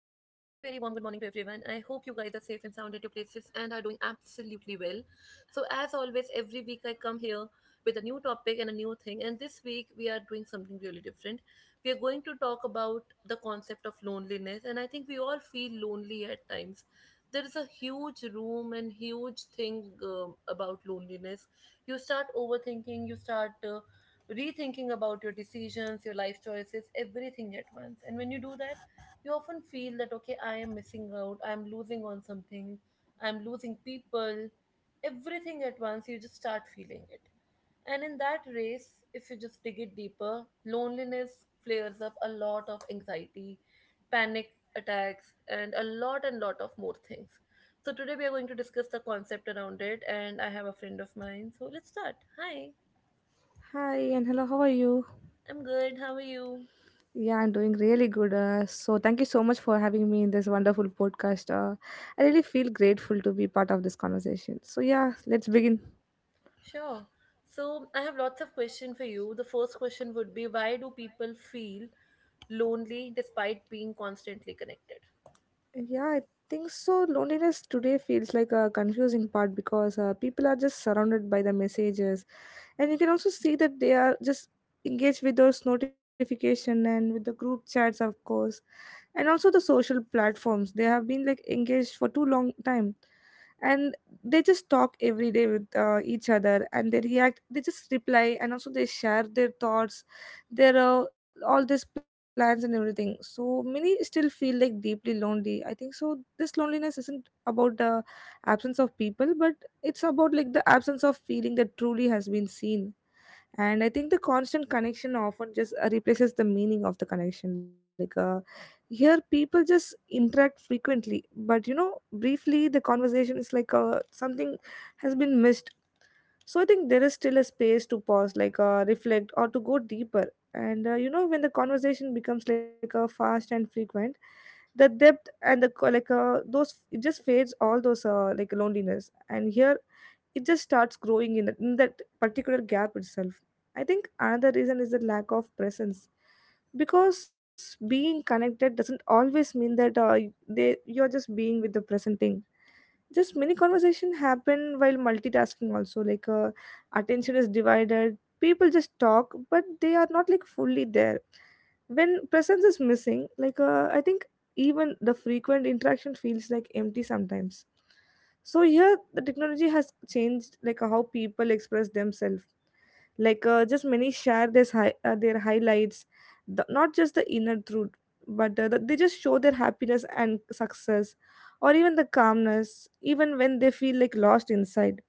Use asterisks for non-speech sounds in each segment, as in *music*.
hope you guys are safe and sound at your places and are doing absolutely well. So, as always, every week I come here with a new topic and a new thing, and this week we are doing something really different. We are going to talk about the concept of loneliness, and I think we all feel lonely at times. There is a huge room and huge thing about loneliness. You start overthinking, you start rethinking about your decisions, your life choices, everything at once. And when you do that, you often feel that, okay, I am missing out, I'm losing on something, I'm losing people, everything at once. You just start feeling it. And in that race, if you just dig it deeper, loneliness flares up a lot of anxiety, panic attacks, and a lot and lot of more things. So today we are going to discuss the concept around it, and I have a friend of mine. So let's start. Hi, Hi and hello, how are you? I'm good. How are you? Yeah, I'm doing really good. Thank you so much for having me in this wonderful podcast. I really feel grateful to be part of this conversation. So, yeah, let's begin. Sure. So I have lots of questions for you. The first question would be why do people feel lonely despite being constantly connected? Yeah, I think so. Loneliness today feels like a confusing part because people are just surrounded by the messages, and you can also see that they are just engaged with those notification and with the group chats, of course, and also the social platforms. They have been like engaged for too long time, and they just talk every day with each other, and they react. They just reply, and also they share their thoughts. There are all these plans and everything. So many still feel like deeply lonely. I think so this loneliness isn't about the absence of people, but it's about like the absence of feeling that truly has been seen. And I think the constant connection often just replaces the meaning of the connection. Like, here people just interact frequently, but you know briefly the conversation is like something has been missed. So I think there is still a space to pause, like reflect or to go deeper. And you know, when the conversation becomes like a fast and frequent, the depth and the those, it just fades all those like loneliness, and here it just starts growing in that particular gap itself. I think another reason is the lack of presence, because being connected doesn't always mean that y- they you're just being with the present thing. Just many conversation happen while multitasking also, like attention is divided. People just talk, but they are not like fully there. When presence is missing, like I think even the frequent interaction feels like empty sometimes. So here the technology has changed like how people express themselves, like just many share their highlights, not just the inner truth, but they just show their happiness and success, or even the calmness, even when they feel like lost inside.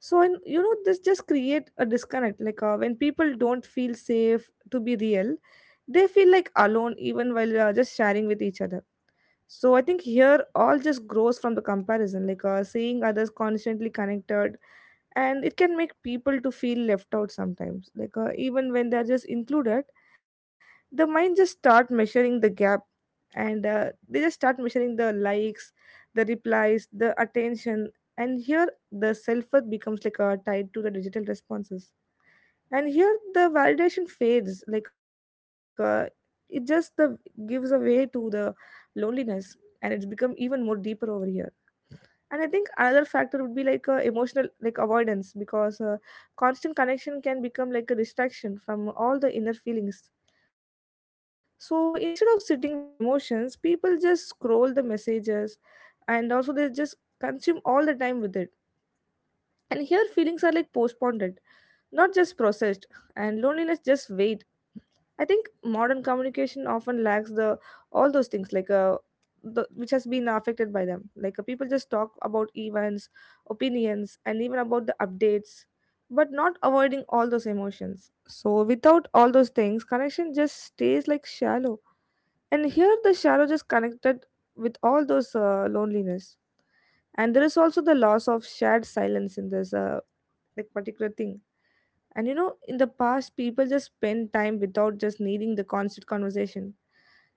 So, and you know, this just create a disconnect, like when people don't feel safe to be real, they feel like alone even while just sharing with each other. So I think here all just grows from the comparison, like seeing others constantly connected, and it can make people to feel left out sometimes. Like even when they're just included, the mind just start measuring the gap, and they just start measuring the likes, the replies, the attention, and here the self worth becomes like tied to the digital responses. And here the validation fades, like it just the gives a way to the loneliness, and it's become even more deeper over here. And I think another factor would be like emotional like avoidance, because constant connection can become like a distraction from all the inner feelings. So instead of sitting with emotions, people just scroll the messages, and also they just consume all the time with it. And here feelings are like postponed, not just processed, and loneliness just waits. I think modern communication often lacks the all those things, like which has been affected by them. Like people just talk about events, opinions, and even about the updates, but not avoiding all those emotions. So without all those things, connection just stays like shallow. And here the shallow just connected with all those loneliness. And there is also the loss of shared silence in this like particular thing. And you know, in the past, people just spend time without just needing the constant conversation.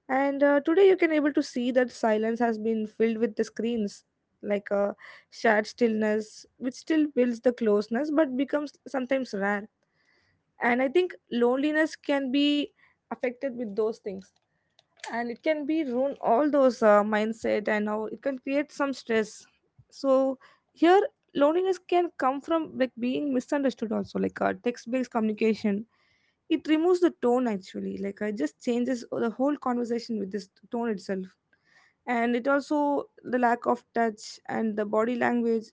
And today, you can able to see that silence has been filled with the screens, like a shared stillness, which still builds the closeness, but becomes sometimes rare. And I think loneliness can be affected with those things, and it can be ruin all those mindset and how it can create some stress. So here loneliness can come from like being misunderstood also, like text-based communication, it removes the tone actually, like it just changes the whole conversation with this tone itself. And it also the lack of touch and the body language,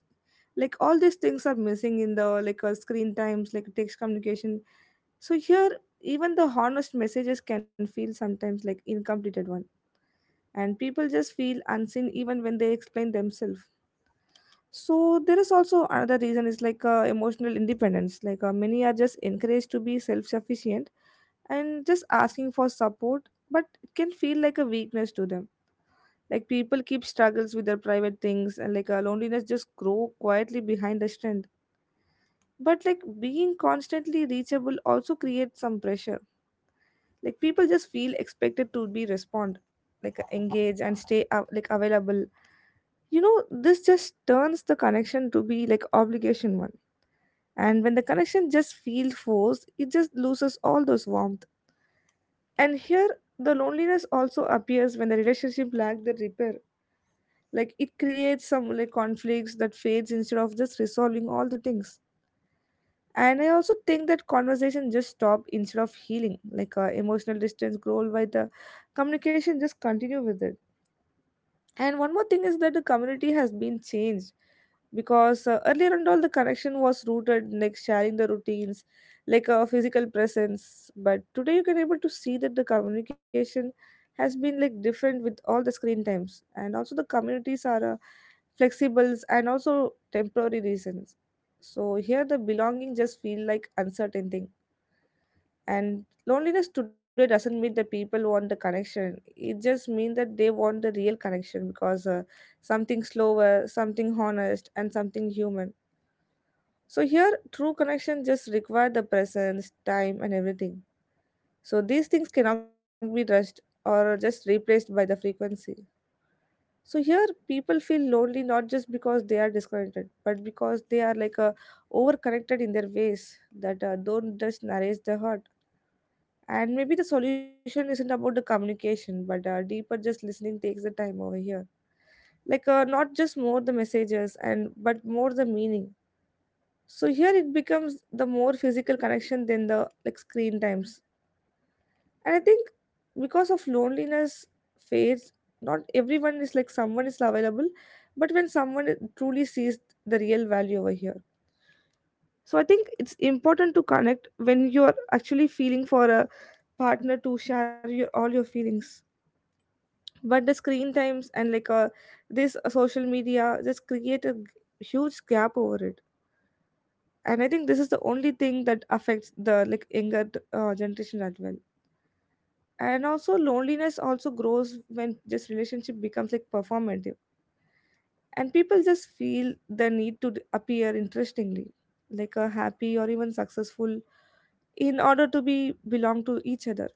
like all these things are missing in the like screen times, like text communication. So here even the honest messages can feel sometimes like incomplete at once, and people just feel unseen even when they explain themselves. So there is also another reason is like emotional independence, like many are just encouraged to be self-sufficient, and just asking for support, but it can feel like a weakness to them. Like people keep struggles with their private things, and like loneliness just grow quietly behind the strength. But like being constantly reachable also creates some pressure. Like people just feel expected to be respond, like engage and stay like available. You know, this just turns the connection to be like obligation one. And when the connection just feels forced, it just loses all those warmth. And here the loneliness also appears when the relationship lack the repair. Like it creates some like conflicts that fades instead of just resolving all the things. And I also think that conversation just stop instead of healing, like emotional distance grow by the communication just continue with it. And one more thing is that the community has been changed, because earlier and all the connection was rooted like sharing the routines, like a physical presence. But today you can able to see that the communication has been like different with all the screen times, and also the communities are flexibles and also temporary reasons. So here the belonging just feel like uncertain thing. And loneliness today doesn't mean that people want the connection, it just means that they want the real connection, because something slower, something honest, and something human. So here true connection just require the presence time and everything. So these things cannot be rushed or just replaced by the frequency. So here people feel lonely not just because they are disconnected, but because they are like overconnected in their ways that don't just nourish the heart. And maybe the solution isn't about the communication, but deeper just listening takes the time over here. Like not just more the messages and but more the meaning. So here it becomes the more physical connection than the like screen times. And I think because of loneliness fades, not everyone is like someone is available, but when someone truly sees the real value over here. So I think it's important to connect when you're actually feeling for a partner to share your all your feelings. But the screen times and like this social media just create huge gap over it. And I think this is the only thing that affects the like younger generation as well. And also loneliness also grows when just relationship becomes like performative, and people just feel the need to appear interestingly, like a happy or even successful, in order to be belong to each other.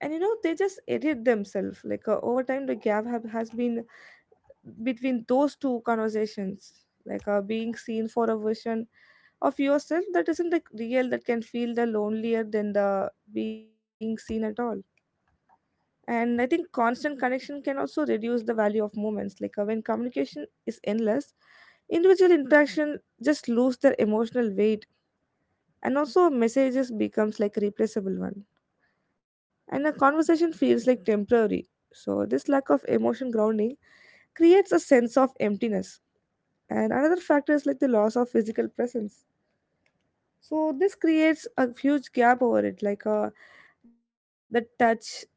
And you know, they just edit themselves, like over time the has been between those two conversations, like being seen for a version of yourself that isn't like real, that can feel the lonelier than the being seen at all. And I think constant connection can also reduce the value of moments, like when communication is endless, individual interaction just lose their emotional weight, and also messages becomes like replaceable one, and a conversation feels like temporary. So this lack of emotion grounding creates a sense of emptiness. And another factor is like the loss of physical presence. So this creates a huge gap over it, like the touch,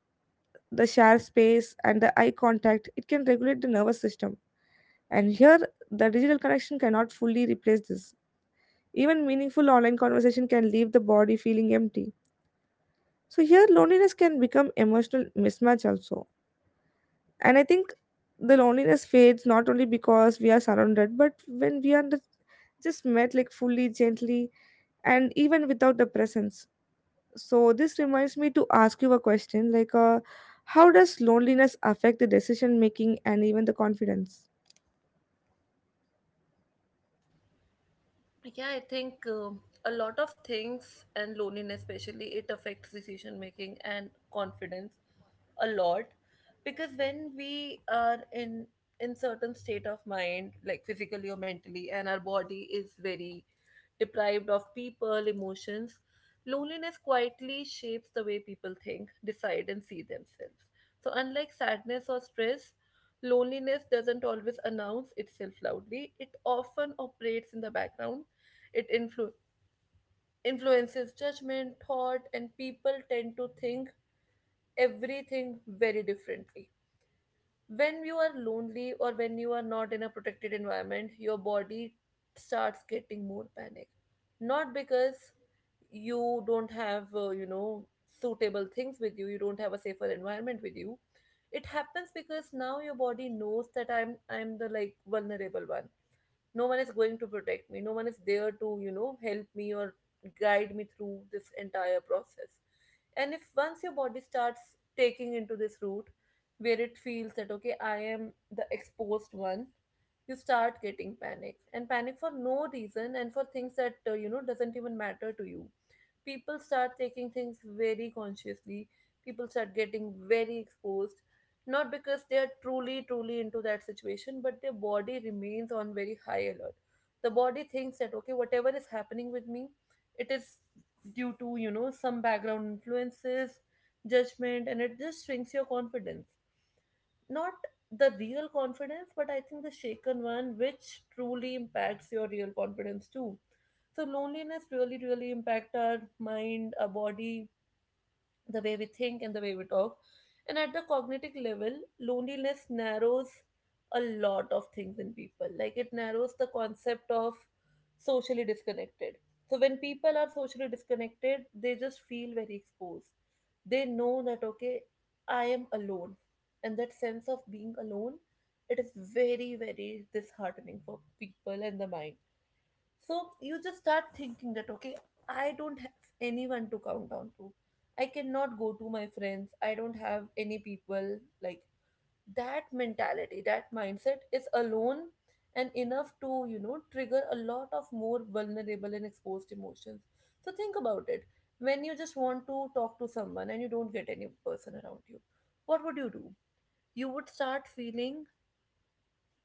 the shared space, and the eye contact, it can regulate the nervous system. And here the digital connection cannot fully replace this. Even meaningful online conversation can leave the body feeling empty. So here loneliness can become emotional mismatch also. And I think the loneliness fades not only because we are surrounded, but when we are just met like fully, gently, and even without the presence. So this reminds me to ask you a question like, how does loneliness affect the decision making and even the confidence? Yeah, I think a lot of things and loneliness, especially, it affects decision making and confidence a lot because when we are in certain state of mind, like physically or mentally, and our body is very deprived of people emotions, loneliness quietly shapes the way people think, decide and see themselves. So unlike sadness or stress, loneliness doesn't always announce itself loudly, it often operates in the background. It influ- influences judgment, thought, and people tend to think everything very differently. When you are lonely or when you are not in a protected environment, your body starts getting more panic, not because you don't have you know, suitable things with you, you don't have a safer environment with you. It happens because now your body knows that I'm the like vulnerable one. No one is going to protect me, no one is there to, you know, help me or guide me through this entire process. And if once your body starts taking into this route where it feels that, okay, I am the exposed one, you start getting panic and panic for no reason and for things that, you know, doesn't even matter to you. People start taking things very consciously, people start getting very exposed, not because they are truly truly into that situation, but their body remains on very high alert. The body thinks that, okay, whatever is happening with me, it is due to, you know, some background influences, judgment, and it just shrinks your confidence, not the real confidence, but I think the shaken one, which truly impacts your real confidence too. So loneliness really really impact our mind, our body, the way we think and the way we talk. And at the cognitive level, loneliness narrows a lot of things in people. Like it narrows the concept of socially disconnected. So when people are socially disconnected, they just feel very exposed. They know that, okay, I am alone. And that sense of being alone, it is very, very disheartening for people and the mind. So you just start thinking that, okay, I don't have anyone to count down to. I cannot go to my friends. I don't have any people. Like that mentality, that mindset is alone and enough to, you know, trigger a lot of more vulnerable and exposed emotions. So think about it. When you just want to talk to someone and you don't get any person around you, what would you do? You would start feeling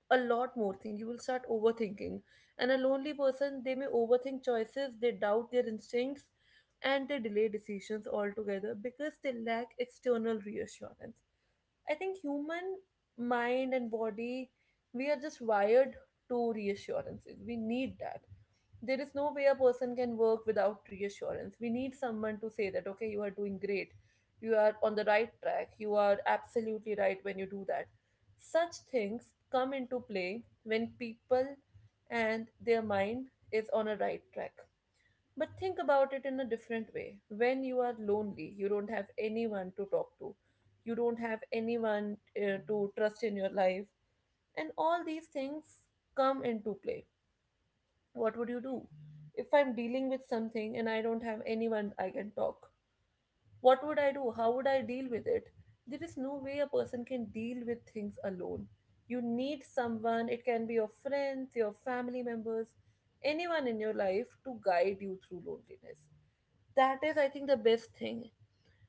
a lot more thing, you will start overthinking, and a lonely person, they may overthink choices, they doubt their instincts and they delay decisions altogether because they lack external reassurance. I think human mind and body, we are just wired to reassurances. We need that. There is no way a person can work without reassurance. We need someone to say that, okay, you are doing great, you are on the right track, you are absolutely right. When you do that, such things come into play when people and their mind is on a right track. But think about it in a different way. When you are lonely, you don't have anyone to talk to, you don't have anyone to trust in your life, and all these things come into play. What would you do? If I'm dealing with something and I don't have anyone I can talk, what would I do? How would I deal with it? There is no way a person can deal with things alone. You need someone, it can be your friends, your family members, anyone in your life to guide you through loneliness. That is, I think, the best thing.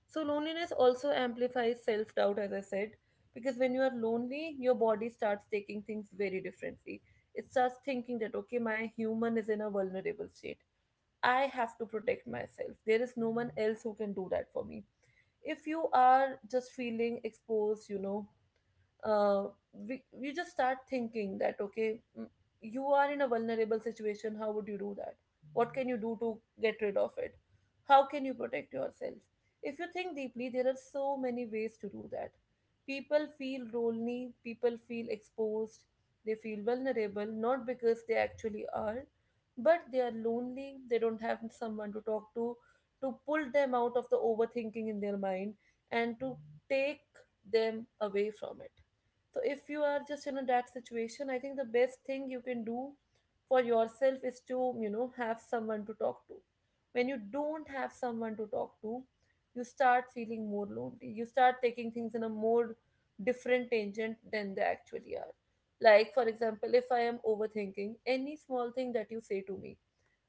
So loneliness also amplifies self doubt, as I said, because when you are lonely, your body starts taking things very differently. It starts thinking that, okay, my human is in a vulnerable state. I have to protect myself. There is no one else who can do that for me. If you are just feeling exposed, you know, uh, we just start thinking that, okay, you are in a vulnerable situation, how would you do that, what can you do to get rid of it, how can you protect yourself? If you think deeply, there are so many ways to do that. People feel lonely, people feel exposed, they feel vulnerable not because they actually are, but they are lonely, they don't have someone to talk to pull them out of the overthinking in their mind and to take them away from it. So if you are just in that situation, I think the best thing you can do for yourself is to, you know, have someone to talk to. When you don't have someone to talk to, you start feeling more lonely. You start taking things in a more different tangent than they actually are. Like, for example, if I am overthinking any small thing that you say to me,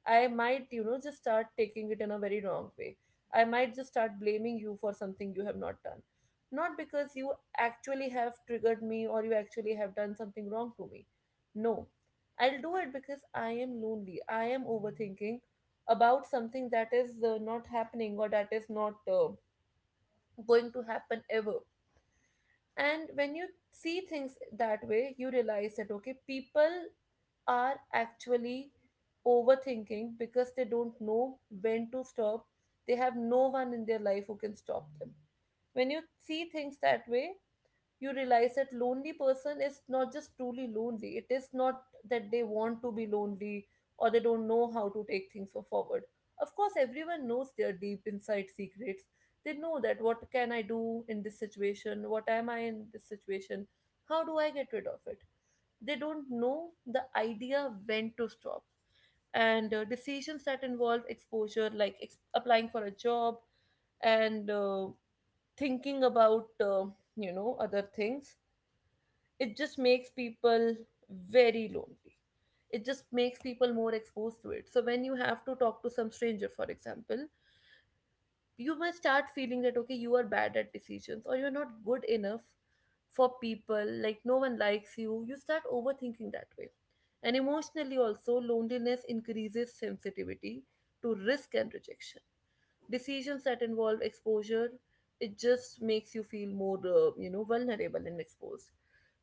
I might, you know, just start taking it in a very wrong way. I might just start blaming you for something you have not done. Not because you actually have triggered me or you actually have done something wrong to me. No. I'll do it because I am lonely. I am overthinking about something that is, not happening or that is not going to happen ever. And when you see things that way, you realize that, okay, people are actually overthinking because they don't know when to stop. They have no one in their life who can stop them. When you see things that way, you realize that lonely person is not just truly lonely. It is not that they want to be lonely or they don't know how to take things for forward. Of course, everyone knows their deep inside secrets. They know that what can I do in this situation, what am I in this situation, how do I get rid of it. They don't know the idea when to stop. And decisions that involve exposure, like applying for a job and thinking about, you know, other things, it just makes people very lonely, it just makes people more exposed to it. So when you have to talk to some stranger, for example, you must start feeling that, okay, you are bad at decisions or you're not good enough for people, like no one likes you. You start overthinking that way. And emotionally also, loneliness increases sensitivity to risk and rejection. Decisions that involve exposure, it just makes you feel more, you know, vulnerable and exposed.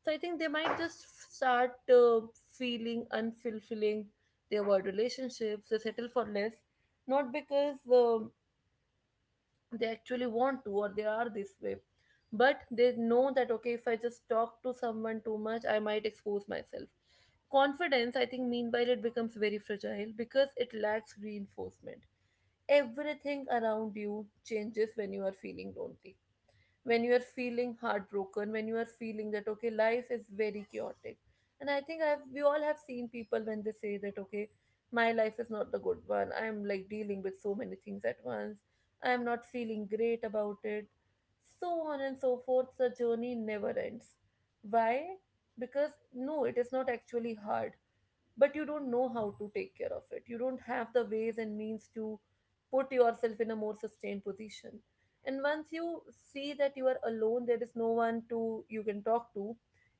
So I think they might just start feeling unfulfilling. They avoid relationships, they settle for less, not because they actually want to or they are this way, but they know that, okay, if I just talk to someone too much, I might expose myself. Confidence, I think, meanwhile, it becomes very fragile because it lacks reinforcement. Everything around you changes when you are feeling lonely, when you are feeling heartbroken, when you are feeling that, okay, life is very chaotic. And I think I've we all have seen people when they say that, okay, my life is not the good one, I'm like dealing with so many things at once, I'm not feeling great about it, so on and so forth, the journey never ends. Why? Because no, it is not actually hard, but you don't know how to take care of it. You don't have the ways and means to put yourself in a more sustained position. And once you see that you are alone, there is no one to you can talk to,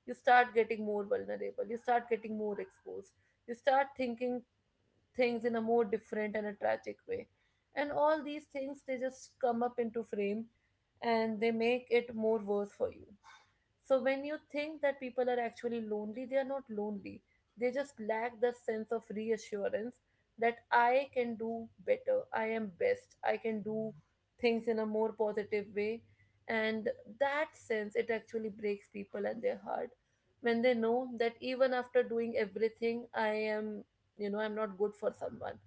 you start getting more vulnerable, you start getting more exposed, you start thinking things in a more different and a tragic way. And all these things, they just come up into frame and they make it more worse for you. So when you think that people are actually lonely, they are not lonely. They just lack the sense of reassurance that I can do better, I am best, I can do things in a more positive way. And that sense, it actually breaks people and their heart, when they know that even after doing everything, I am, you know, I'm not good for someone.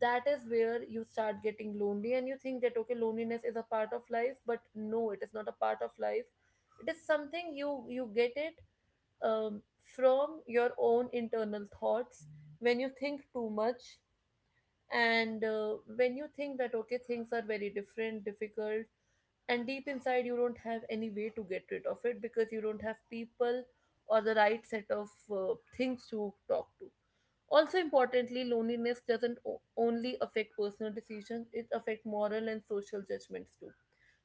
That is where you start getting lonely, and you think that, okay, loneliness is a part of life, but no, it is not a part of life. It is something you get it um, from your own internal thoughts, when you think too much, and when you think that, okay, things are very different difficult, and deep inside you don't have any way to get rid of it, because you don't have people or the right set of things to talk to. Also, importantly, loneliness doesn't only affect personal decisions, it affects moral and social judgments too.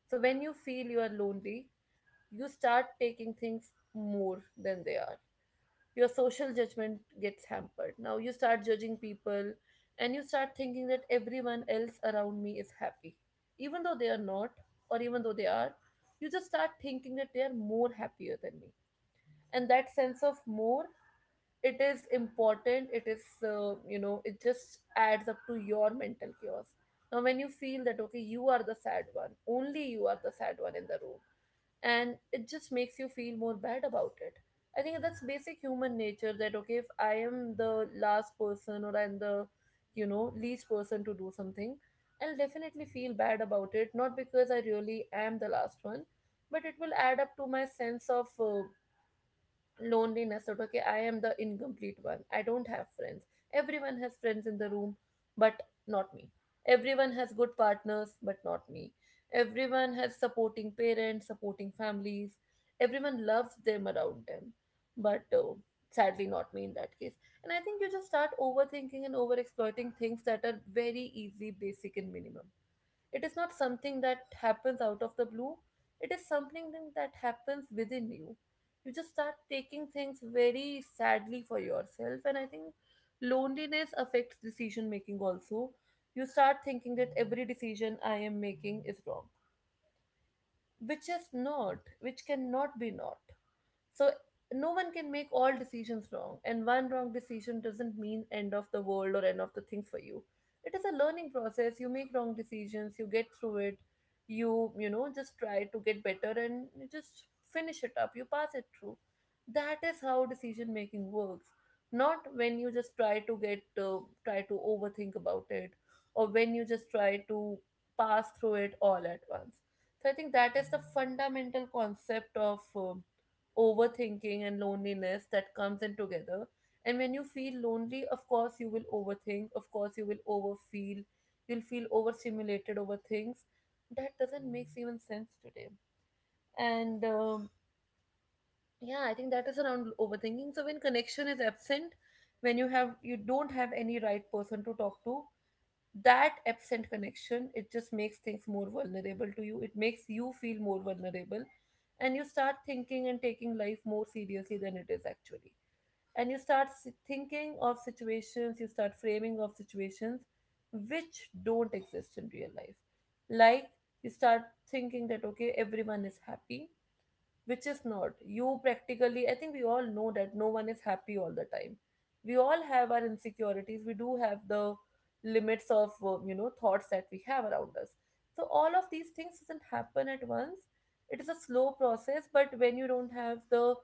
So when you feel you are lonely, you start taking things more than they are. Your social judgment gets hampered. Now you start judging people, and you start thinking that everyone else around me is happy. Even though they are not, or even though they are, you just start thinking that they are more happier than me. And that sense of more, it is important. It just adds up to your mental chaos. Now, when you feel that, okay, you are the sad one, only you are the sad one in the room, and it just makes you feel more bad about it. I think that's basic human nature, that, okay, if I am the last person, or I'm the, least person to do something, I'll definitely feel bad about it, not because I really am the last one, but it will add up to my sense of loneliness, that, okay, I am the incomplete one, I don't have friends, everyone has friends in the room, but not me. Everyone has good partners, but not me. Everyone has supporting parents, supporting families, everyone loves them around them, but sadly not me in that case. And I think you just start overthinking and over exploiting things that are very easy, basic and minimum. It is not something that happens out of the blue, it is something thing that happens within you. You just start taking things very sadly for yourself, and I think loneliness affects decision making also. You start thinking that every decision I am making is wrong, which is not, which cannot be not. So no one can make all decisions wrong, and one wrong decision doesn't mean end of the world or end of the things for you. It is a learning process. You make wrong decisions, you get through it, you know just try to get better, and you just finish it up. You pass it through. That is how decision making works. Not when you just try to get try to overthink about it, or when you just try to pass through it all at once. So I think that is the fundamental concept of uh, overthinking and loneliness that comes in together. And when you feel lonely, of course, you will overthink, of course, you will overfeel, you'll feel overstimulated over things. That doesn't make even sense today. And Yeah, I think that is around overthinking. So when connection is absent, when you don't have any right person to talk to, that absent connection, it just makes things more vulnerable to you, it makes you feel more vulnerable, and you start thinking and taking life more seriously than it is actually. And you start thinking of situations, you start framing of situations which don't exist in real life, like, you start thinking that, okay, everyone is happy, which is not. You, practically, I think, we all know that no one is happy all the time. We all have our insecurities, we do have the limits of thoughts that we have around us. So all of these things doesn't happen at once, it is a slow process. But when you don't have the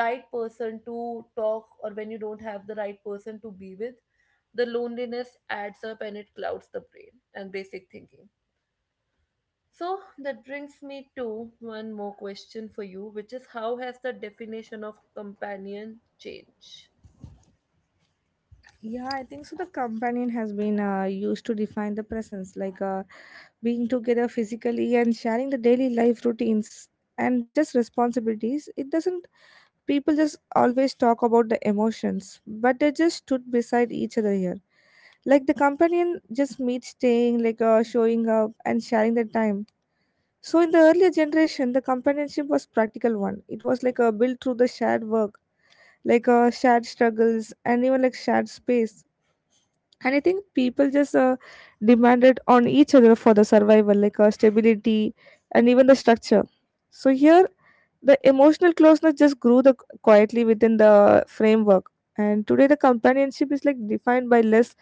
right person to talk, or when you don't have the right person to be with, the loneliness adds up, and it clouds the brain and basic thinking. So that brings me to one more question for you, which is, how has the definition of companion changed? Yeah, I think so. The companion has been used to define the presence, like being together physically and sharing the daily life routines and just responsibilities. It doesn't, people just always talk about the emotions, but they just stood beside each other here. Like the companion just meets staying, like showing up and sharing the time. So in the earlier generation, the companionship was practical one. It was like a built through the shared work, like shared struggles and even like shared space, and I think people just demanded on each other for the survival, like stability and even the structure. So here the emotional closeness just grew the quietly within the framework. And today the companionship is like defined by less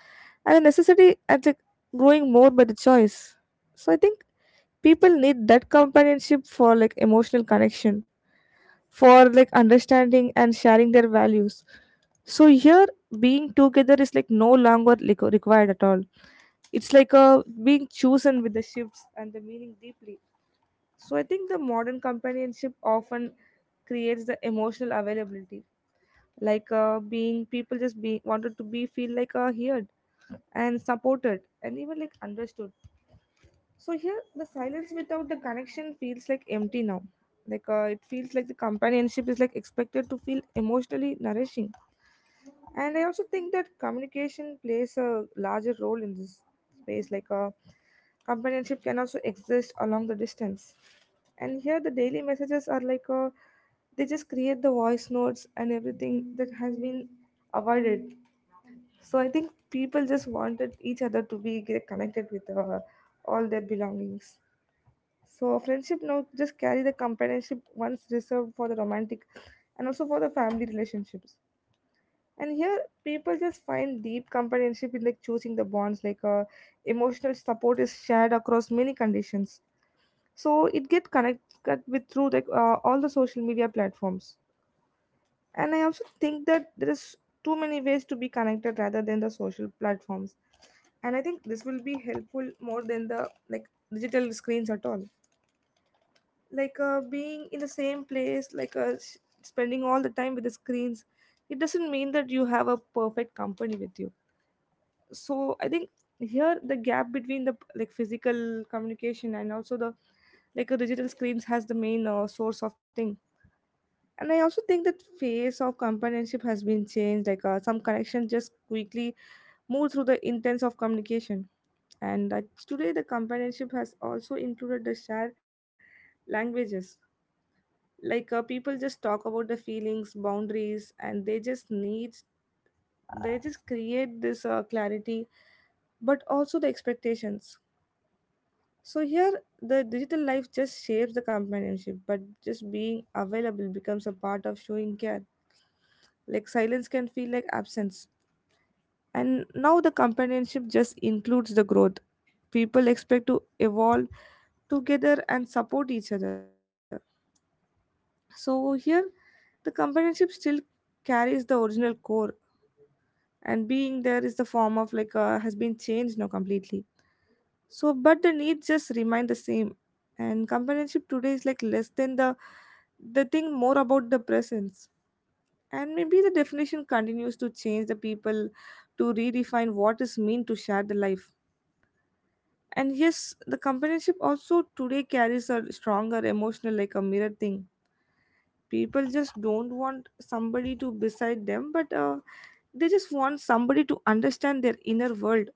and the necessity and like growing more by the choice. So I think people need that companionship for like emotional connection, for like understanding and sharing their values. So here being together is like no longer like required at all. It's like a being chosen with the shifts and the meaning deeply. So I think the modern companionship often creates the emotional availability, like being people just be wanted to be feel like heard and supported and even like understood. So here, the silence without the connection feels like empty now. Like it feels like the companionship is like expected to feel emotionally nourishing. And I also think that communication plays a larger role in this space. Like companionship can also exist along the distance. And here, the daily messages are like they just create the voice notes and everything that has been avoided. So I think people just wanted each other to be get connected with all their belongings. So friendship now just carry the companionship once reserved for the romantic and also for the family relationships. And here people just find deep companionship in like choosing the bonds, like emotional support is shared across many conditions. So it get connected with through like all the social media platforms. And I also think that there is too many ways to be connected rather than the social platforms. And I think this will be helpful more than the like digital screens at all. Like being in the same place, like spending all the time with the screens, it doesn't mean that you have a perfect company with you. So I think here the gap between the like physical communication and also the like a digital screens has the main source of thing. And I also think that phase of companionship has been changed, like some connections just quickly move through the intents of communication. and I, Today the companionship has also included the shared languages, like people just talk about the feelings boundaries and they just create this clarity but also the expectations. So here the digital life just shapes the companionship, but just being available becomes a part of showing care. Like silence can feel like absence. And now the companionship just includes the growth. People expect to evolve together and support each other. So here the companionship still carries the original core, and being there is the form of like has been changed now completely. So but the need just remain the same. And companionship today is like less than the thing, more about the presence. And maybe the definition continues to change the people to redefine what is mean to share the life. And yes, the companionship also today carries a stronger emotional like a mirror thing. People just don't want somebody to beside them, but they just want somebody to understand their inner world.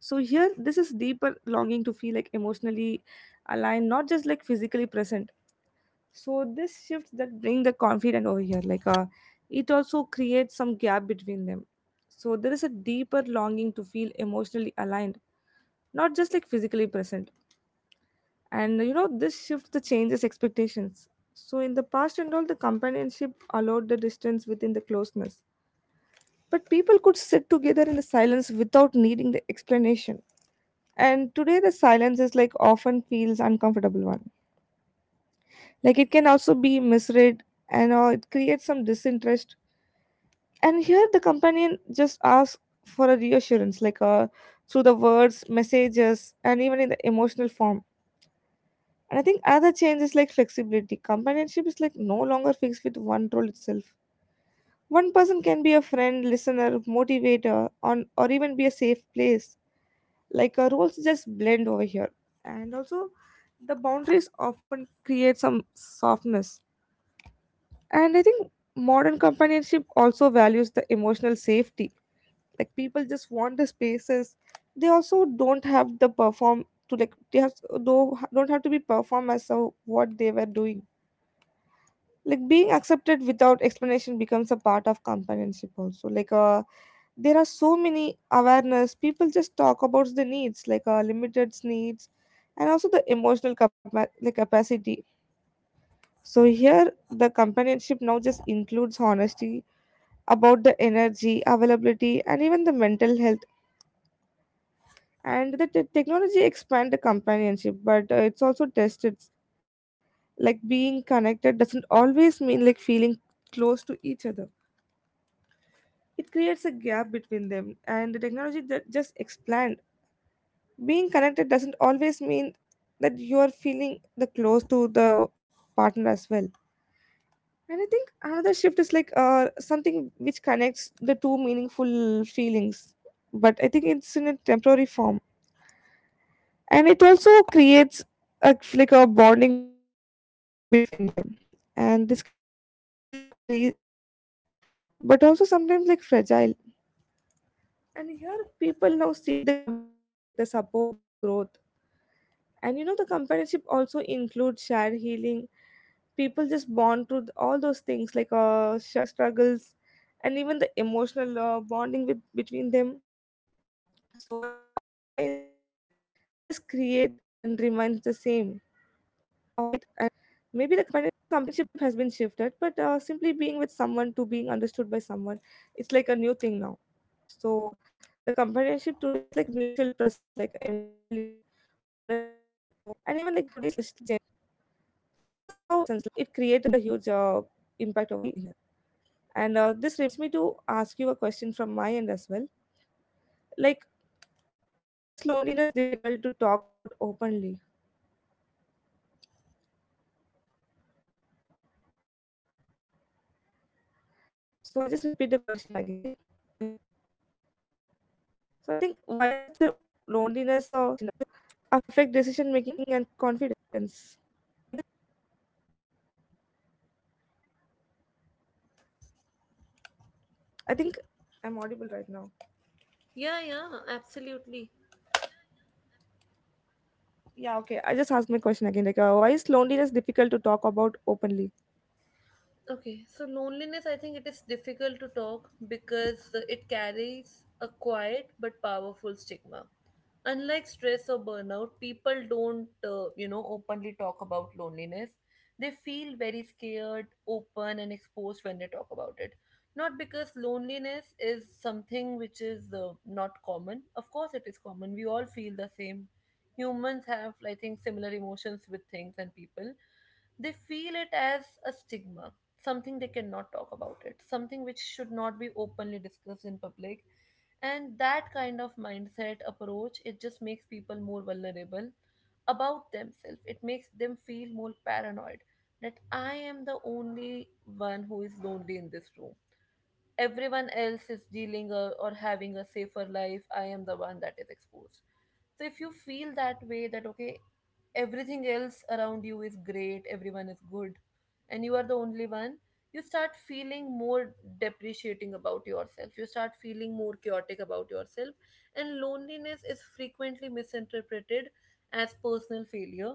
So here, this is deeper longing to feel like emotionally aligned, not just like physically present. So this shifts that bring the confident over here, like it also creates some gap between them. So there is a deeper longing to feel emotionally aligned, not just like physically present. And you know, this shifts the changes expectations. So in the past and all, the companionship allowed the distance within the closeness, but people could sit together in the silence without needing the explanation. And today the silence is like often feels uncomfortable one. Like it can also be misread and or it creates some disinterest. And here the companion just asks for a reassurance, like through the words, messages, and even in the emotional form. And I think other change is like flexibility. Companionship is like no longer fixed with one role itself. One person can be a friend, listener, motivator, on or even be a safe place, like roles just blend over here, and also the boundaries often create some softness. And I think modern companionship also values the emotional safety. Like people just want the spaces. They also don't have the perform to like they have though don't have to be perform as of what they were doing. Like being accepted without explanation becomes a part of companionship also like a, there are so many awareness. People just talk about the needs, like limited needs and also the emotional like capacity. So here the companionship now just includes honesty about the energy availability and even the mental health. And the technology expand the companionship, but it's also tested. Like being connected doesn't always mean like feeling close to each other. It creates a gap between them. And the technology that just expands, being connected doesn't always mean that you are feeling the close to the partner as well. And I think another shift is like something which connects the two meaningful feelings, but I think it's in a temporary form. And it also creates a like a bonding between them. And this can feel like freeing, but also sometimes like fragile. And here people now seek the companionship like the support just growth. And you know, the companionship also includes shared healing. People just bond through all those things, like struggles and even the emotional bonding with between them. So I think all the changes just create and remains the same. Maybe the companionship has been shifted, but simply being with someone to being understood by someone, it's like a new thing now. So, the companionship today is like mutual presence, like emotionally, honestly, and even like gently. So this is how it create a huge impact over here. And this reminds me to ask you a question from my end as well, like why is loneliness difficult to talk about openly. So I just repeat the question again. So I think why does the loneliness affect decision making and confidence? I think I'm audible right now. Yeah, yeah, absolutely. Yeah, okay, I just asked my question again, like why is loneliness difficult to talk about openly? Okay, so loneliness, I think it is difficult to talk because it carries a quiet but powerful stigma. Unlike stress or burnout, people don't, openly talk about loneliness. They feel very scared, open, and exposed when they talk about it. Not because loneliness is something which is not common. Of course, it is common. We all feel the same. Humans have, I think, similar emotions with things and people. They feel it as a stigma, something they cannot talk about, it something which should not be openly discussed in public. And that kind of mindset approach, it just makes people more vulnerable about themselves, it makes them feel more paranoid that I am the only one who is lonely in this room. Everyone else is dealing a, or having a safer life, I am the one that is exposed. So if you feel that way, that, okay, everything else around you is great, everyone is good, and you are the only one, you start feeling more depreciating about yourself, you start feeling more chaotic about yourself. And loneliness is frequently misinterpreted as personal failure.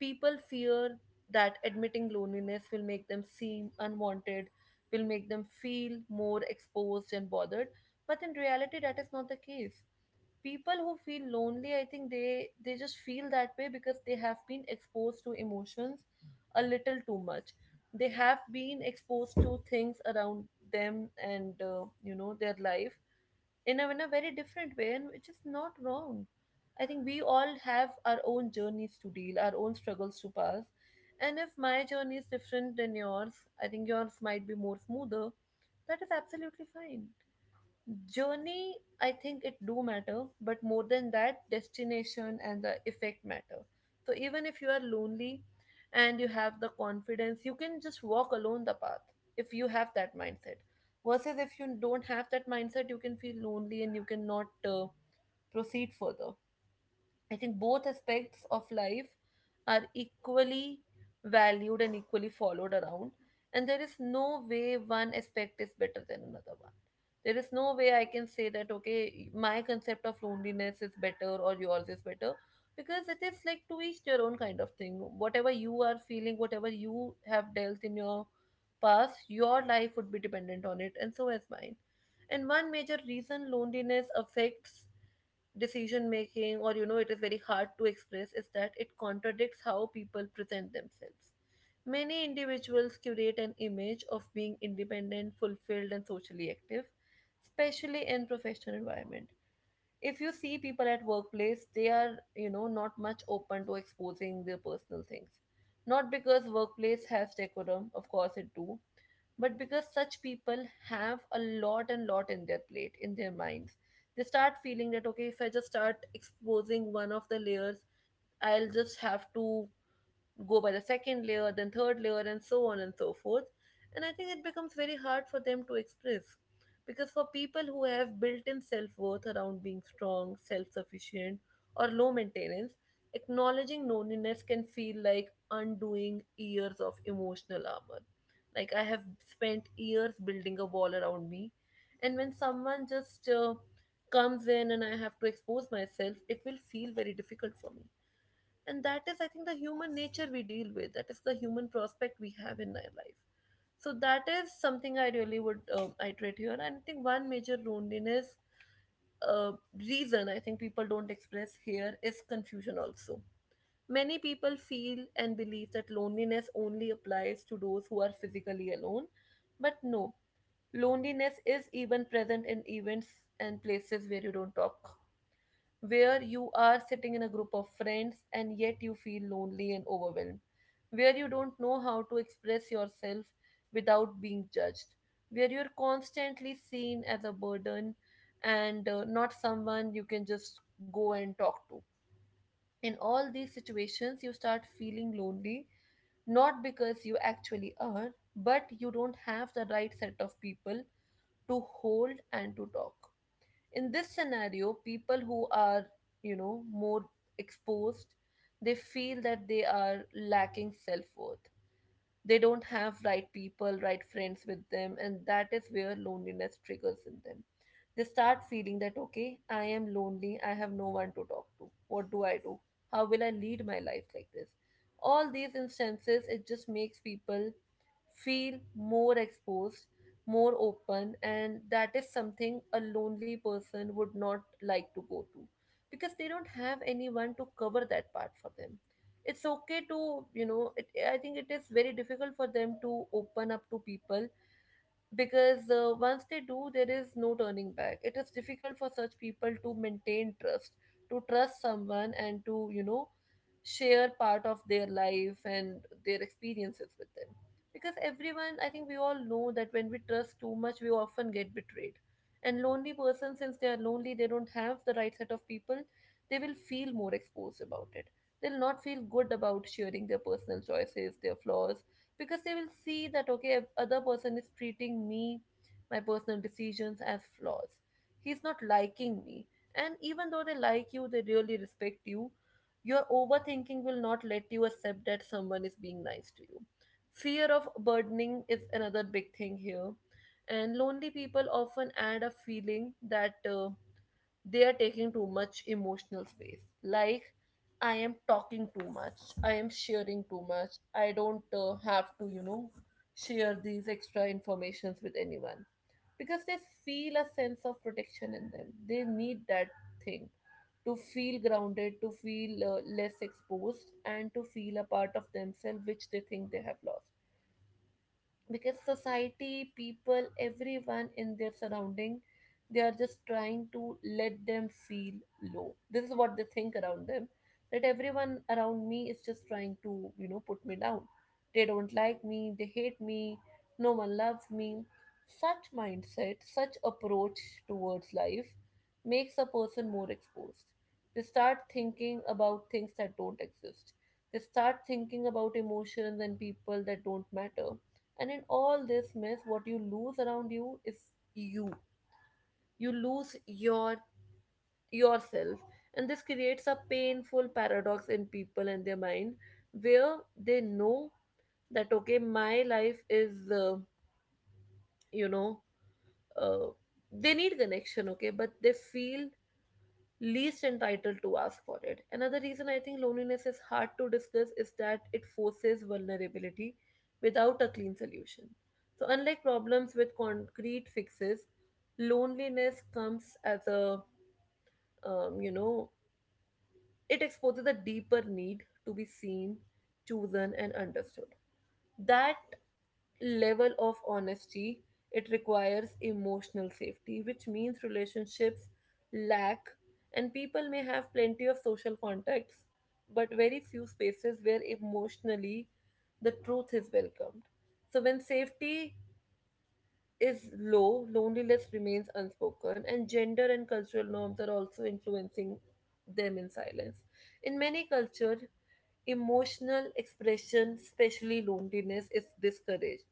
People fear that admitting loneliness will make them seem unwanted, will make them feel more exposed and bothered. But in reality, that is not the case. People who feel lonely, I think they just feel that way because they have been exposed to emotions a little too much. They have been exposed to things around them, and their life in a very different way, and which is not wrong. I think we all have our own journeys to deal, our own struggles to pass. And if my journey is different than yours, I think yours might be more smoother. That is absolutely fine. Journey, I think it do matter, but more than that, destination and the effect matter. So even if you are lonely and you have the confidence, you can just walk alone the path, if you have that mindset. Versus if you don't have that mindset, you can feel lonely and you cannot proceed further. I think both aspects of life are equally valued and equally followed around, and there is no way one aspect is better than another one. There is no way I can say that, okay, my concept of loneliness is better or yours is better, because it is like to each their own kind of thing. Whatever you are feeling, whatever you have dealt in your past, your life would be dependent on it, and so is mine. And one major reason loneliness affects decision making, or it is very hard to express, is that it contradicts how people present themselves. Many individuals curate an image of being independent, fulfilled, and socially active, especially in professional environment. If you see people at workplace, they are, not much open to exposing their personal things. Not because workplace has decorum, of course it do, but because such people have a lot and lot in their plate, in their minds. They start feeling that, okay, if I just start exposing one of the layers, I'll just have to go by the second layer, then third layer, and so on and so forth. And I think it becomes very hard for them to express. Because for people who have built in self worth around being strong, self sufficient, or low maintenance, acknowledging loneliness can feel like undoing years of emotional armor. Like, I have spent years building a wall around me. And when someone just comes in and I have to expose myself, it will feel very difficult for me, and that is, I think, the human nature we deal with. That is the human prospect we have in our life. So that is something I really would iterate here. And I think one major loneliness uh, reason, I think, people don't express here is confusion also. Many people feel and believe that loneliness only applies to those who are physically alone. But no, loneliness is even present in events and places where you don't talk, where you are sitting in a group of friends and yet you feel lonely and overwhelmed, where you don't know how to express yourself without being judged, where you're constantly seen as a burden and not someone you can just go and talk to. In all these situations, you start feeling lonely, not because you actually are, but you don't have the right set of people to hold and to talk. In this scenario, people who are, you know, more exposed, they feel that they are lacking self-worth. They don't have right people, right friends with them, and that is where loneliness triggers in them. They start feeling that, okay, I am lonely, I have no one to talk to, what do I do? How will I lead my life like this? All these instances, it just makes people feel more exposed, more open, and that is something a lonely person would not like to go to, because they don't have anyone to cover that part for them. It's okay to, you know, it, I think it is very difficult for them to open up to people, because once they do, there is no turning back. It is difficult for such people to maintain trust, to trust someone and to, you know, share part of their life and their experiences with them, because everyone, I think we all know that when we trust too much, we often get betrayed. And lonely person, since they are lonely, they don't have the right set of people, they will feel more exposed about it. They'll not feel good about sharing their personal choices, their flaws, because they will see that, okay, other person is treating me, my personal decisions as flaws, he's not liking me. And even though they like you, they really respect you, your overthinking will not let you accept that someone is being nice to you. Fear of burdening is another big thing here, and lonely people often add a feeling that they are taking too much emotional space. Like, I am talking too much, I am sharing too much, I don't have to, you know, share these extra informations with anyone, because they feel a sense of protection in them. They need that thing to feel grounded, to feel less exposed, and to feel a part of themselves which they think they have lost, because society, people, everyone in their surrounding, they are just trying to let them feel low. This is what they think around them, that everyone around me is just trying to, you know, put me down. They don't like me, they hate me, no one loves me. Such mindset, such approach towards life makes a person more exposed. They start thinking about things that don't exist, they start thinking about emotions and people that don't matter, and in all this mess, what you lose around you is you. You lose your yourself. And this creates a painful paradox in people and their mind, where they know that, okay, my life is you know uh, they need connection, okay, but they feel least entitled to ask for it. Another reason I think loneliness is hard to discuss is that it forces vulnerability without a clean solution. So, unlike problems with concrete fixes, loneliness comes as a, um, you know, it exposes a deeper need to be seen, chosen, and understood. That level of honesty, it requires emotional safety, which means relationships lack. And people may have plenty of social contacts, but very few spaces where emotionally the truth is welcomed. So when safety is low, loneliness remains unspoken, and gender and cultural norms are also influencing them in silence. In many cultures, emotional expression, especially loneliness, is discouraged.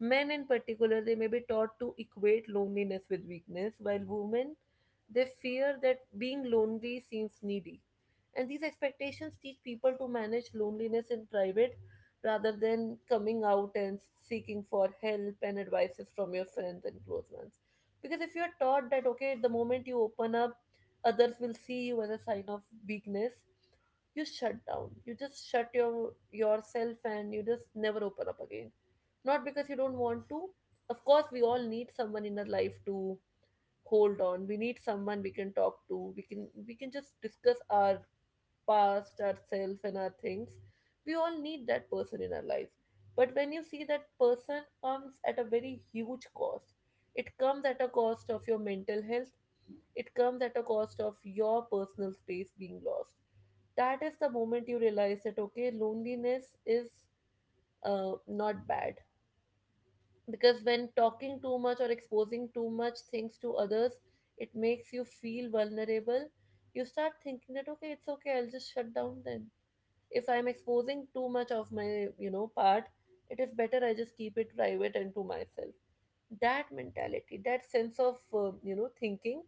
Men, in particular, they may be taught to equate loneliness with weakness, while women, they fear that being lonely seems needy. And these expectations teach people to manage loneliness in private rather than coming out and seeking for help and advices from your friends and close ones. Because if you're taught that, okay, the moment you open up, others will see you as a sign of weakness, you shut down. You just shut your yourself and you just never open up again. Not because you don't want to. Of course, we all need someone in our life to hold on. We need someone we can talk to. We can just discuss our past, ourselves, and our things. We all need that person in our lives. But when you see that person comes at a very huge cost, it comes at a cost of your mental health, it comes at a cost of your personal space being lost. That is the moment you realize that, okay, loneliness is not bad. Because when talking too much or exposing too much things to others, it makes you feel vulnerable. You start thinking that, okay, it's okay, I'll just shut down then. If I'm exposing too much of my, you know, part, it is better I just keep it private and to myself. That mentality, that sense of you know, thinking,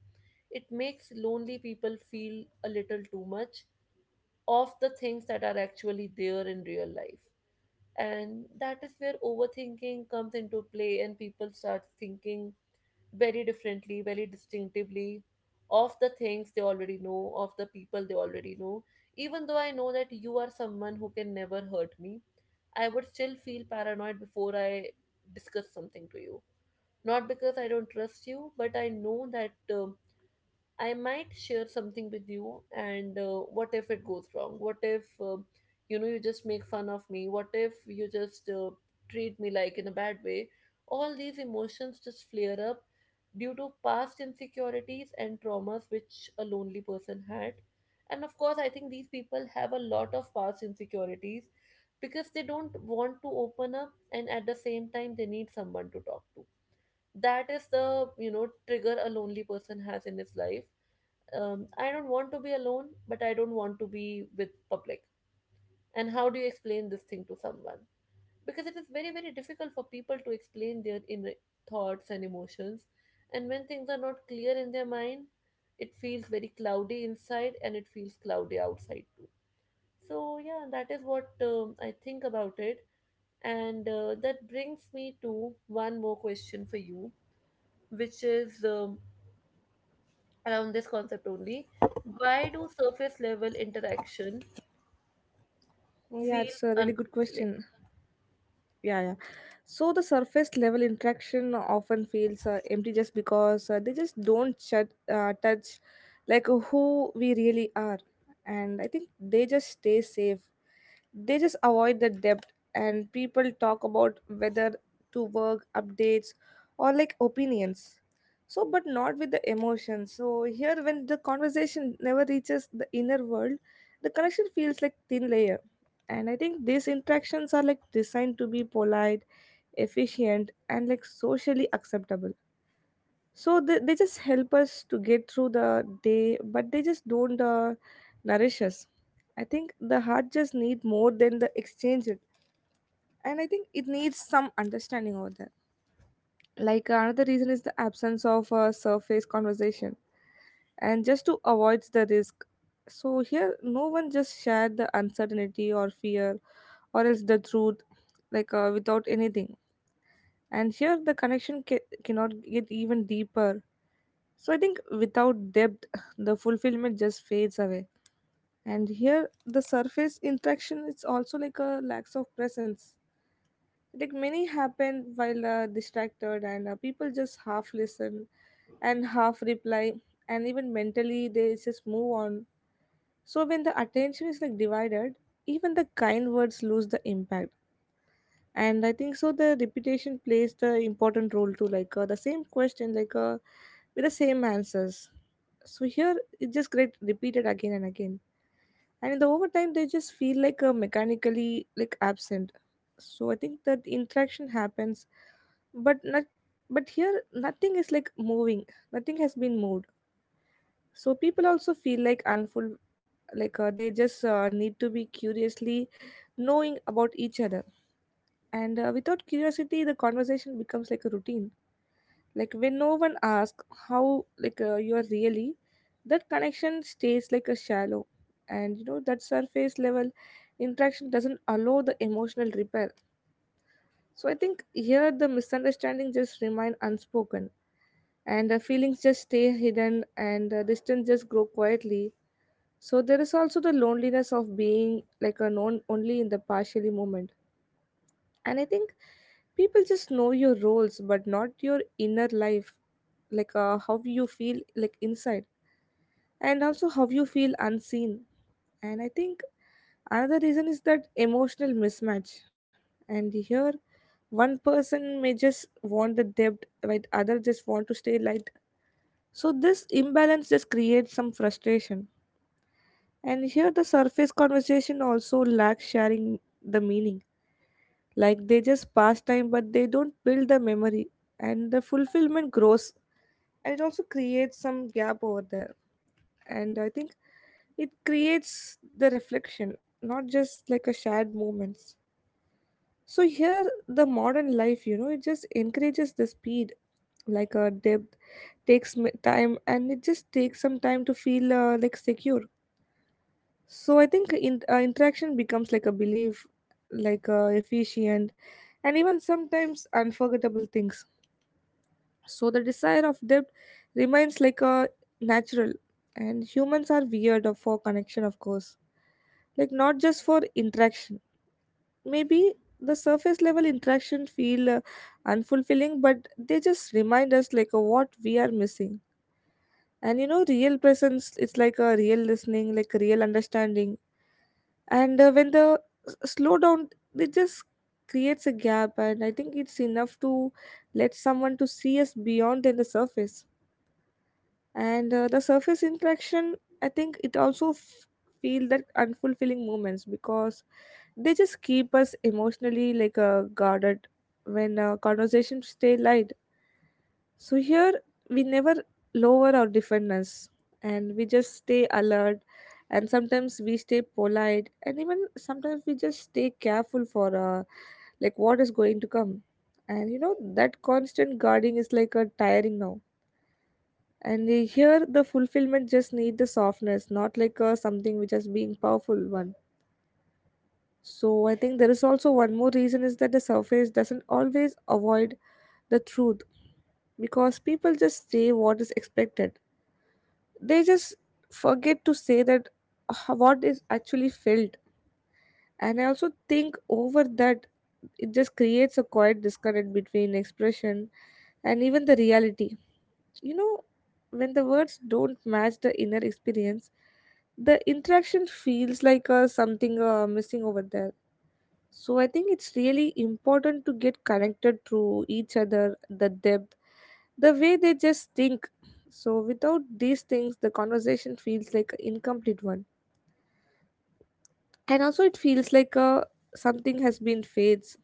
it makes lonely people feel a little too much of the things that are actually there in real life. And that is where overthinking comes into play, and people start thinking very differently, very distinctively, of the things they already know, of the people they already know. Even though I know that you are someone who can never hurt me, I would still feel paranoid before I discuss something to you. Not because I don't trust you, but I know that I might share something with you, and what if it goes wrong? What if, you know, you just make fun of me? What if you just treat me like in a bad way? All these emotions just flare up due to past insecurities and traumas which a lonely person had. And of course, I think these people have a lot of past insecurities, because they don't want to open up, and at the same time, they need someone to talk to. That is the, you know, trigger a lonely person has in his life. I don't want to be alone, but I don't want to be with public. And how do you explain this thing to someone? Because it is very very difficult for people to explain their inner thoughts and emotions. And when things are not clear in their mind, it feels very cloudy inside and it feels cloudy outside too. So yeah, that is what, I think about it. And that brings me to one more question for you, which is, around this concept only. Why do surface level interaction Oh, yeah, feel it's a really good unfulfilling? question. Yeah, yeah. So the surface level interaction often feels empty just because they just don't touch like who we really are. And I think they just stay safe. They just avoid the depth and people talk about whether to work updates or like opinions. So but not with the emotions. So here when the conversation never reaches the inner world, the connection feels like thin layer. And I think these interactions are like designed to be polite, efficient, and like socially acceptable. So they just help us to get through the day, but they just don't nourish us. I think the heart just need more than the exchange it. And I think it needs some understanding over there. Like another reason is the absence of a surface conversation and just to avoid the risk. So here no one just shared the uncertainty or fear or else the truth, like without anything. And here the connection cannot get even deeper. So I think without depth *laughs* the fulfillment just fades away. And here the surface interaction is also like a lack of presence. Like many happen while distracted, and people just half listen and half reply, and even mentally they just move on. So when the attention is like divided, even the kind words lose the impact. And I think so the repetition plays the important role too, like the same question, like with the same answers. So here it just get repeated again and again. And in the overtime they just feel like mechanically like absent. So I think that interaction happens, but not, but here nothing is like moving. Nothing has been moved. So people also feel like unful, like they just need to be curiously knowing about each other. And without curiosity, the conversation becomes like a routine. Like when no one asks how like you are really, that connection stays like a shallow. And you know that surface level interaction doesn't allow the emotional repair. So I think here the misunderstanding just remain unspoken, and the feelings just stay hidden, and the distance just grow quietly. So there is also the loneliness of being like a known only in the partially moment, and I think people just know your roles but not your inner life, like how you feel like inside, and also how you feel unseen. And I think another reason is that emotional mismatch. And here, one person may just want the depth while other just want to stay light, so this imbalance just creates some frustration. And here the surface conversation also lacks sharing the meaning. Like they just pass time but they don't build the memory, and the fulfillment grows, and it also creates some gap over there. And I think it creates the reflection, not just like a shared moments. So here the modern life, it just encourages the speed. Like a depth takes time, and it just takes some time to feel like secure. So I think interaction becomes like a belief, like efficient, and even sometimes unforgettable things. So the desire of depth remains like a natural, and humans are weird for connection, of course. Like not just for interaction. Maybe the surface level interaction feel unfulfilling, but they just remind us like what we are missing. And real presence. It's like a real listening, like real understanding. And when the slow down, it just creates a gap, and I think it's enough to let someone to see us beyond than the surface. And the surface interaction, I think it also feel that unfulfilling moments, because they just keep us emotionally like guarded when conversations stay light. So here we never lower our defenders, and we just stay alert, and sometimes we stay polite, and even sometimes we just stay careful for like what is going to come. And you know that constant guarding is like a tiring now. And here, the fulfillment just need the softness, not like something which is being powerful one. So I think there is also one more reason is that the surface doesn't always avoid the truth, because people just say what is expected. They just forget to say that what is actually felt. And I also think over that, it just creates a quiet disconnect between expression and even the reality, you know when the words don't match the inner experience, the interaction feels like something missing over there. So I think it's really important to get connected through each other the depth, the way they just think. So without these things, the conversation feels like an incomplete one, and also it feels like something has been fades.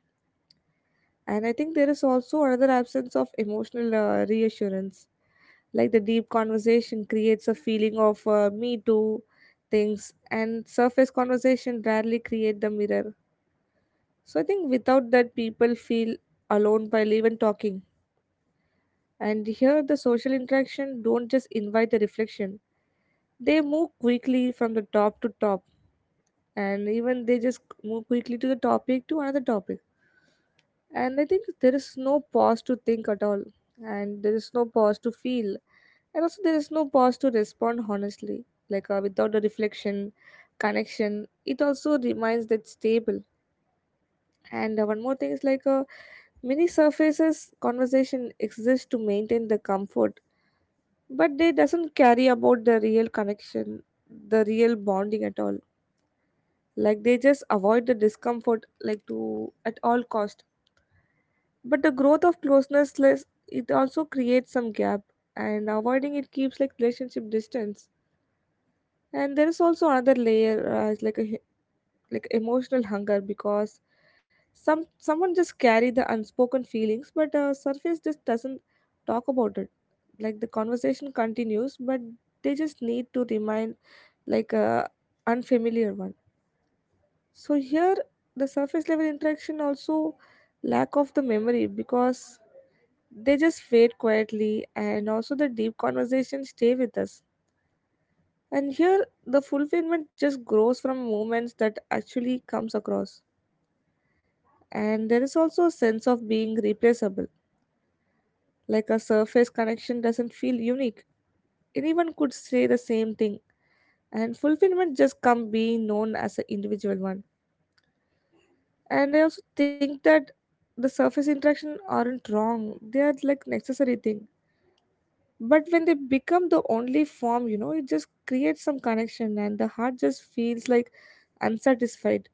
And I think there is also another absence of emotional reassurance. Like the deep conversation creates a feeling of me too things, and surface conversation rarely create the mirror. So I think without that, people feel alone while even talking. And here the social interaction don't just invite the reflection. They move quickly from the top to top, and even they just move quickly to the topic to another topic. And I think there is no pause to think at all, and there is no pause to feel, and also there is no pause to respond honestly. Like without a reflection, connection it also reminds that stable. And one more thing is like many surfaces conversation exists to maintain the comfort, but they doesn't carry about the real connection, the real bonding at all. Like they just avoid the discomfort like to at all cost. But the growth of closeness less, it also creates some gap, and avoiding it keeps like relationship distance. And there is also another layer, it's like a like emotional hunger, because someone just carry the unspoken feelings, but surface just doesn't talk about it. Like the conversation continues, but they just need to remind like a unfamiliar one. So here the surface level interaction also lack of the memory, because they just fade quietly. And also the deep conversations stay with us. And here the fulfillment just grows from moments that actually comes across. And there is also a sense of being replaceable. Like a surface connection doesn't feel unique. Anyone could say the same thing. And fulfillment just come being known as an individual one. And I also think that the surface interaction aren't wrong, they are like necessary thing. But when they become the only form, it just creates some connection, and the heart just feels like unsatisfied.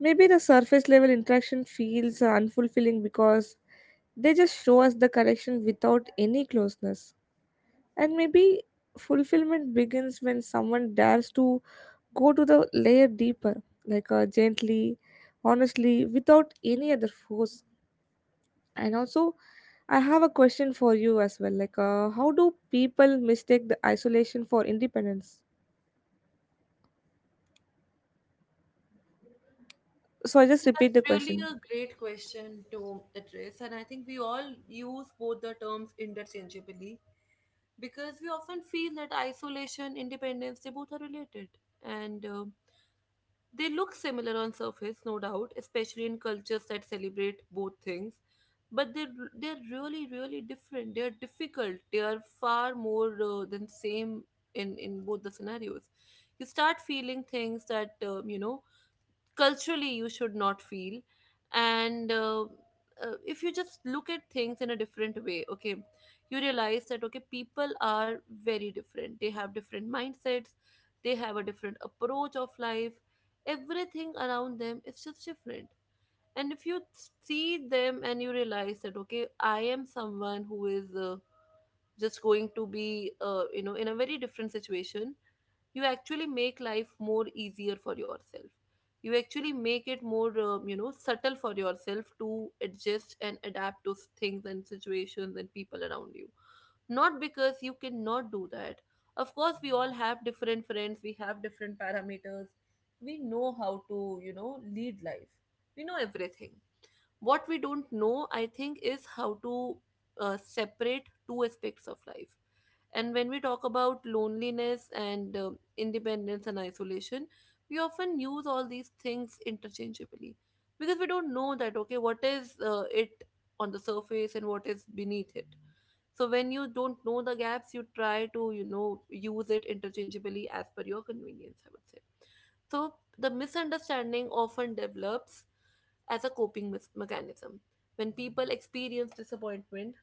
Maybe the surface level interaction feels unfulfilling because they just show us the connection without any closeness. And maybe fulfillment begins when someone dares to go to the layer deeper, like gently, honestly, without any other force. And also, I have a question for you as well. Like, how do people mistake the isolation for independence? So I just Yeah, repeat that's the really question. a great question to address, and I think we all use both the terms interchangeably because we often feel that isolation, independence, they both are related. And they look similar on surface, no doubt, especially in cultures that celebrate both things. But they're really really different. They're difficult. They are far more than same in both the scenarios. You start feeling things that, you know, culturally you should not feel. And if you just look at things in a different way, okay, you realize that, okay, people are very different, they have different mindsets, they have a different approach of life, everything around them is just different. And if you see them and you realize that, okay, I am someone who is just going to be you know, in a very different situation, you actually make life more easier for yourself. You actually make it more, you know, subtle for yourself to adjust and adapt to things and situations and people around you. Not because you cannot do that. Of course, we all have different friends, we have different parameters, we know how to, you know, lead life, we know everything. What we don't know, I think, is how to separate two aspects of life. And when we talk about loneliness and independence and isolation, we often use all these things interchangeably, because we don't know that, okay, what is it on the surface and what is beneath it. So when you don't know the gaps, you try to, you know, use it interchangeably as per your convenience, I would say. So the misunderstanding often develops as a mechanism. When people experience disappointment,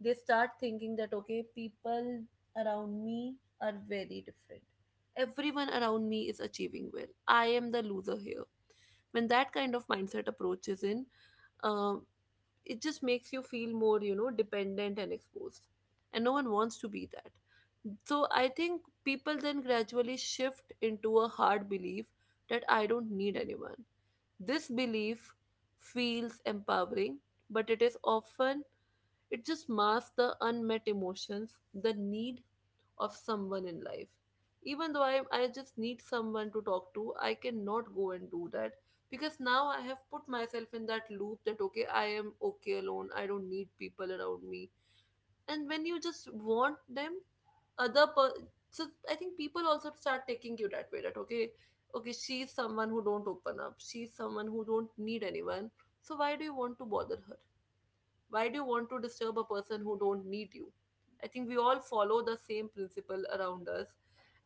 they start thinking that, okay, people around me are very different. Everyone around me is achieving well. I am the loser here. When that kind of mindset approaches in, uh, it just makes you feel more dependent and exposed, and no one wants to be that. So I think people then gradually shift into a hard belief that I don't need anyone. This belief feels empowering, but it is often. It just masks the unmet emotions, the need of someone in life. Even though I just need someone to talk to, I cannot go and do that, because now I have put myself in that loop that okay, I am okay alone, I don't need people around me. And when you just want them, other per- so I think people also start taking you that way, that okay, she's someone who don't open up, she's someone who don't need anyone. So why do you want to bother her? Why do you want to disturb a person who don't need you? I think we all follow the same principle around us.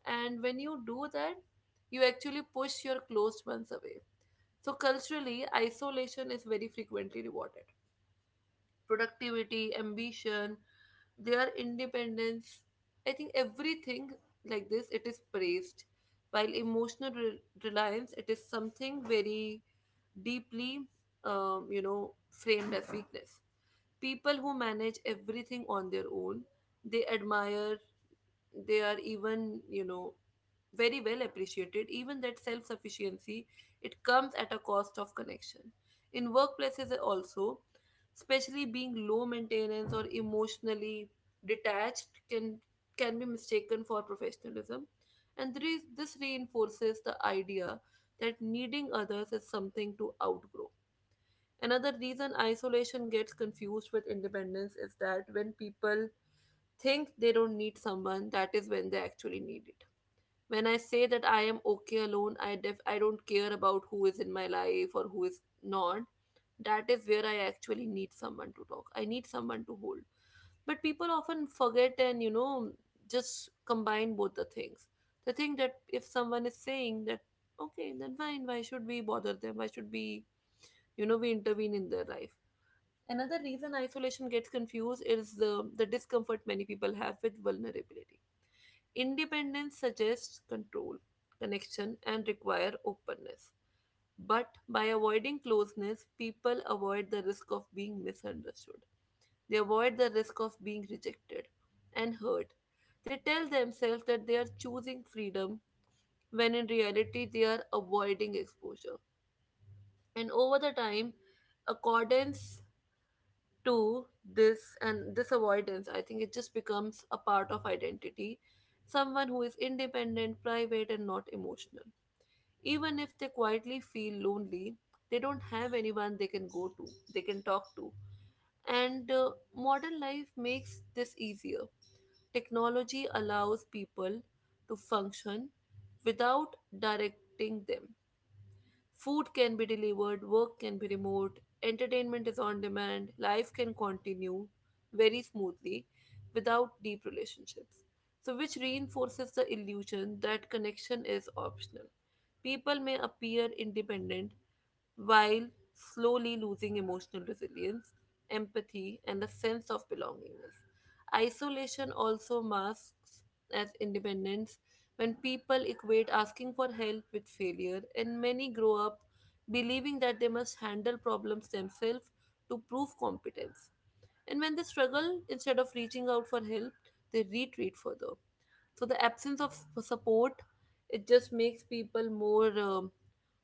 And when you do that, you actually push your closed ones away. So culturally, isolation is very frequently rewarded. Productivity, ambition, their independence, I think everything like this, it is praised. While emotional reliance, it is something very deeply, framed as weakness. People who manage everything on their own, they admire, they are even, very well appreciated. Even that self sufficiency, it comes at a cost of connection. In workplaces also, especially being low maintenance or emotionally detached, can be mistaken for professionalism, and there is, this reinforces the idea that needing others is something to outgrow. Another reason isolation gets confused with independence is that when people think they don't need someone, that is when they actually need it. When I say that I am okay alone, I don't care about who is in my life or who is not. That is where I actually need someone to talk. I need someone to hold. But people often forget and just combine both the things. They think that if someone is saying that okay, then fine, why should we bother them? Why should we, we intervene in their life? Another reason isolation gets confused is the discomfort many people have with vulnerability. Independence suggests control, connection, and require openness. But by avoiding closeness, people avoid the risk of being misunderstood. They avoid the risk of being rejected and hurt. They tell themselves that they are choosing freedom when in reality they are avoiding exposure. And over the time, accordance to this and this avoidance, I think it just becomes a part of identity. Someone who is independent, private, and not emotional, even if they quietly feel lonely, they don't have anyone they can go to, they can talk to. And modern life makes this easier. Technology allows people to function without directing them. Food can be delivered, work can be remote, entertainment is on demand, life can continue very smoothly without deep relationships. So, which reinforces the illusion that connection is optional. People may appear independent while slowly losing emotional resilience, empathy, and a sense of belongingness. Isolation also masks as independence when people equate asking for help with failure, and many grow up believing that they must handle problems themselves to prove competence. And when they struggle, instead of reaching out for help, they retreat further. So the absence of support, it just makes people more,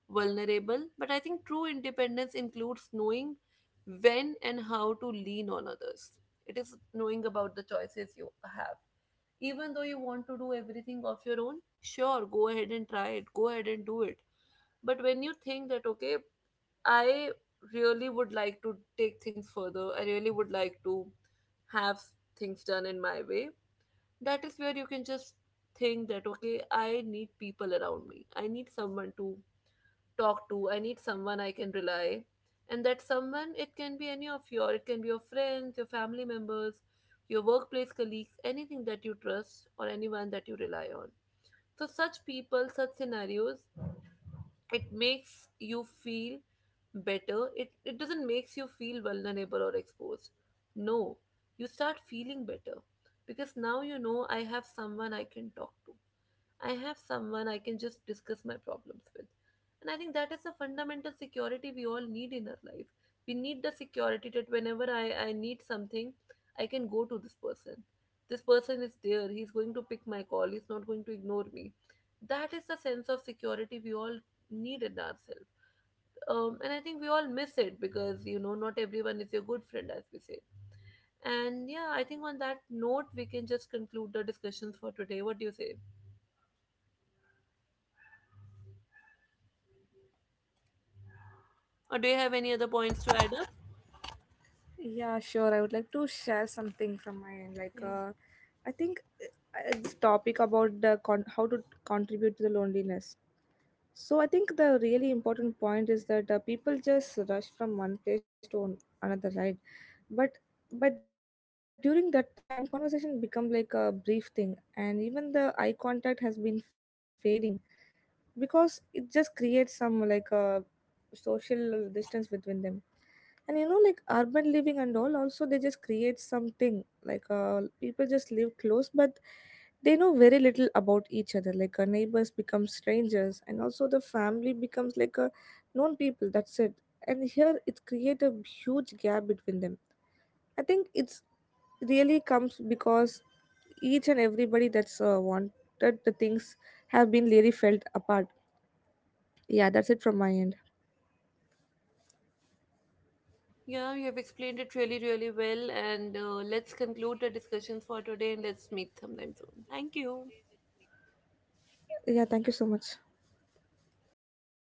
vulnerable. But I think true independence includes knowing when and how to lean on others. It is knowing about the choices you have. Even though you want to do everything of your own, sure, go ahead and try it, go ahead and do it. But when you think that okay, I really would like to take things further, I really would like to have things done in my way, that is where you can just think that okay, I need people around me, I need someone to talk to. I need someone I can rely. And that someone, it can be any of your, it can be your friends, your family members, your workplace colleagues, anything that you trust or anyone that you rely on. So, such people, such scenarios, it makes you feel better. It doesn't makes you feel vulnerable or exposed. No, you start feeling better, because now you know, I have someone I can talk to. I have someone I can just discuss my problems with. And I think that is a fundamental security we all need in our life. We need the security that whenever I need something, I can go to this person. This person is there. He's going to pick my call. He's not going to ignore me. That is the sense of security we all need in ourselves. And I think we all miss it because, you know, not everyone is your good friend, as we say. And yeah, I think on that note, we can just conclude the discussions for today. What do you say? Or do you have any other points to add up? Yeah, sure. I would like to share something from my end. Like, Yeah. I think this topic about the how to contribute to the loneliness. So I think the really important point is that people just rush from one place to another, right? But but during that time, conversation become like a brief thing, and even the eye contact has been fading, because it just creates some like social distance between them. And like urban living and all, also they just create something like people just live close, but they know very little about each other. Like neighbors become strangers, and also the family becomes like known people, that's it. And here it create a huge gap between them. I think it's really comes because each and everybody that's wanted the things have been really felt apart. Yeah, that's it from my end. Yeah, you have explained it really, really well. And let's conclude the discussions for today, and let's meet sometime soon. Thank you. Yeah, thank you so much.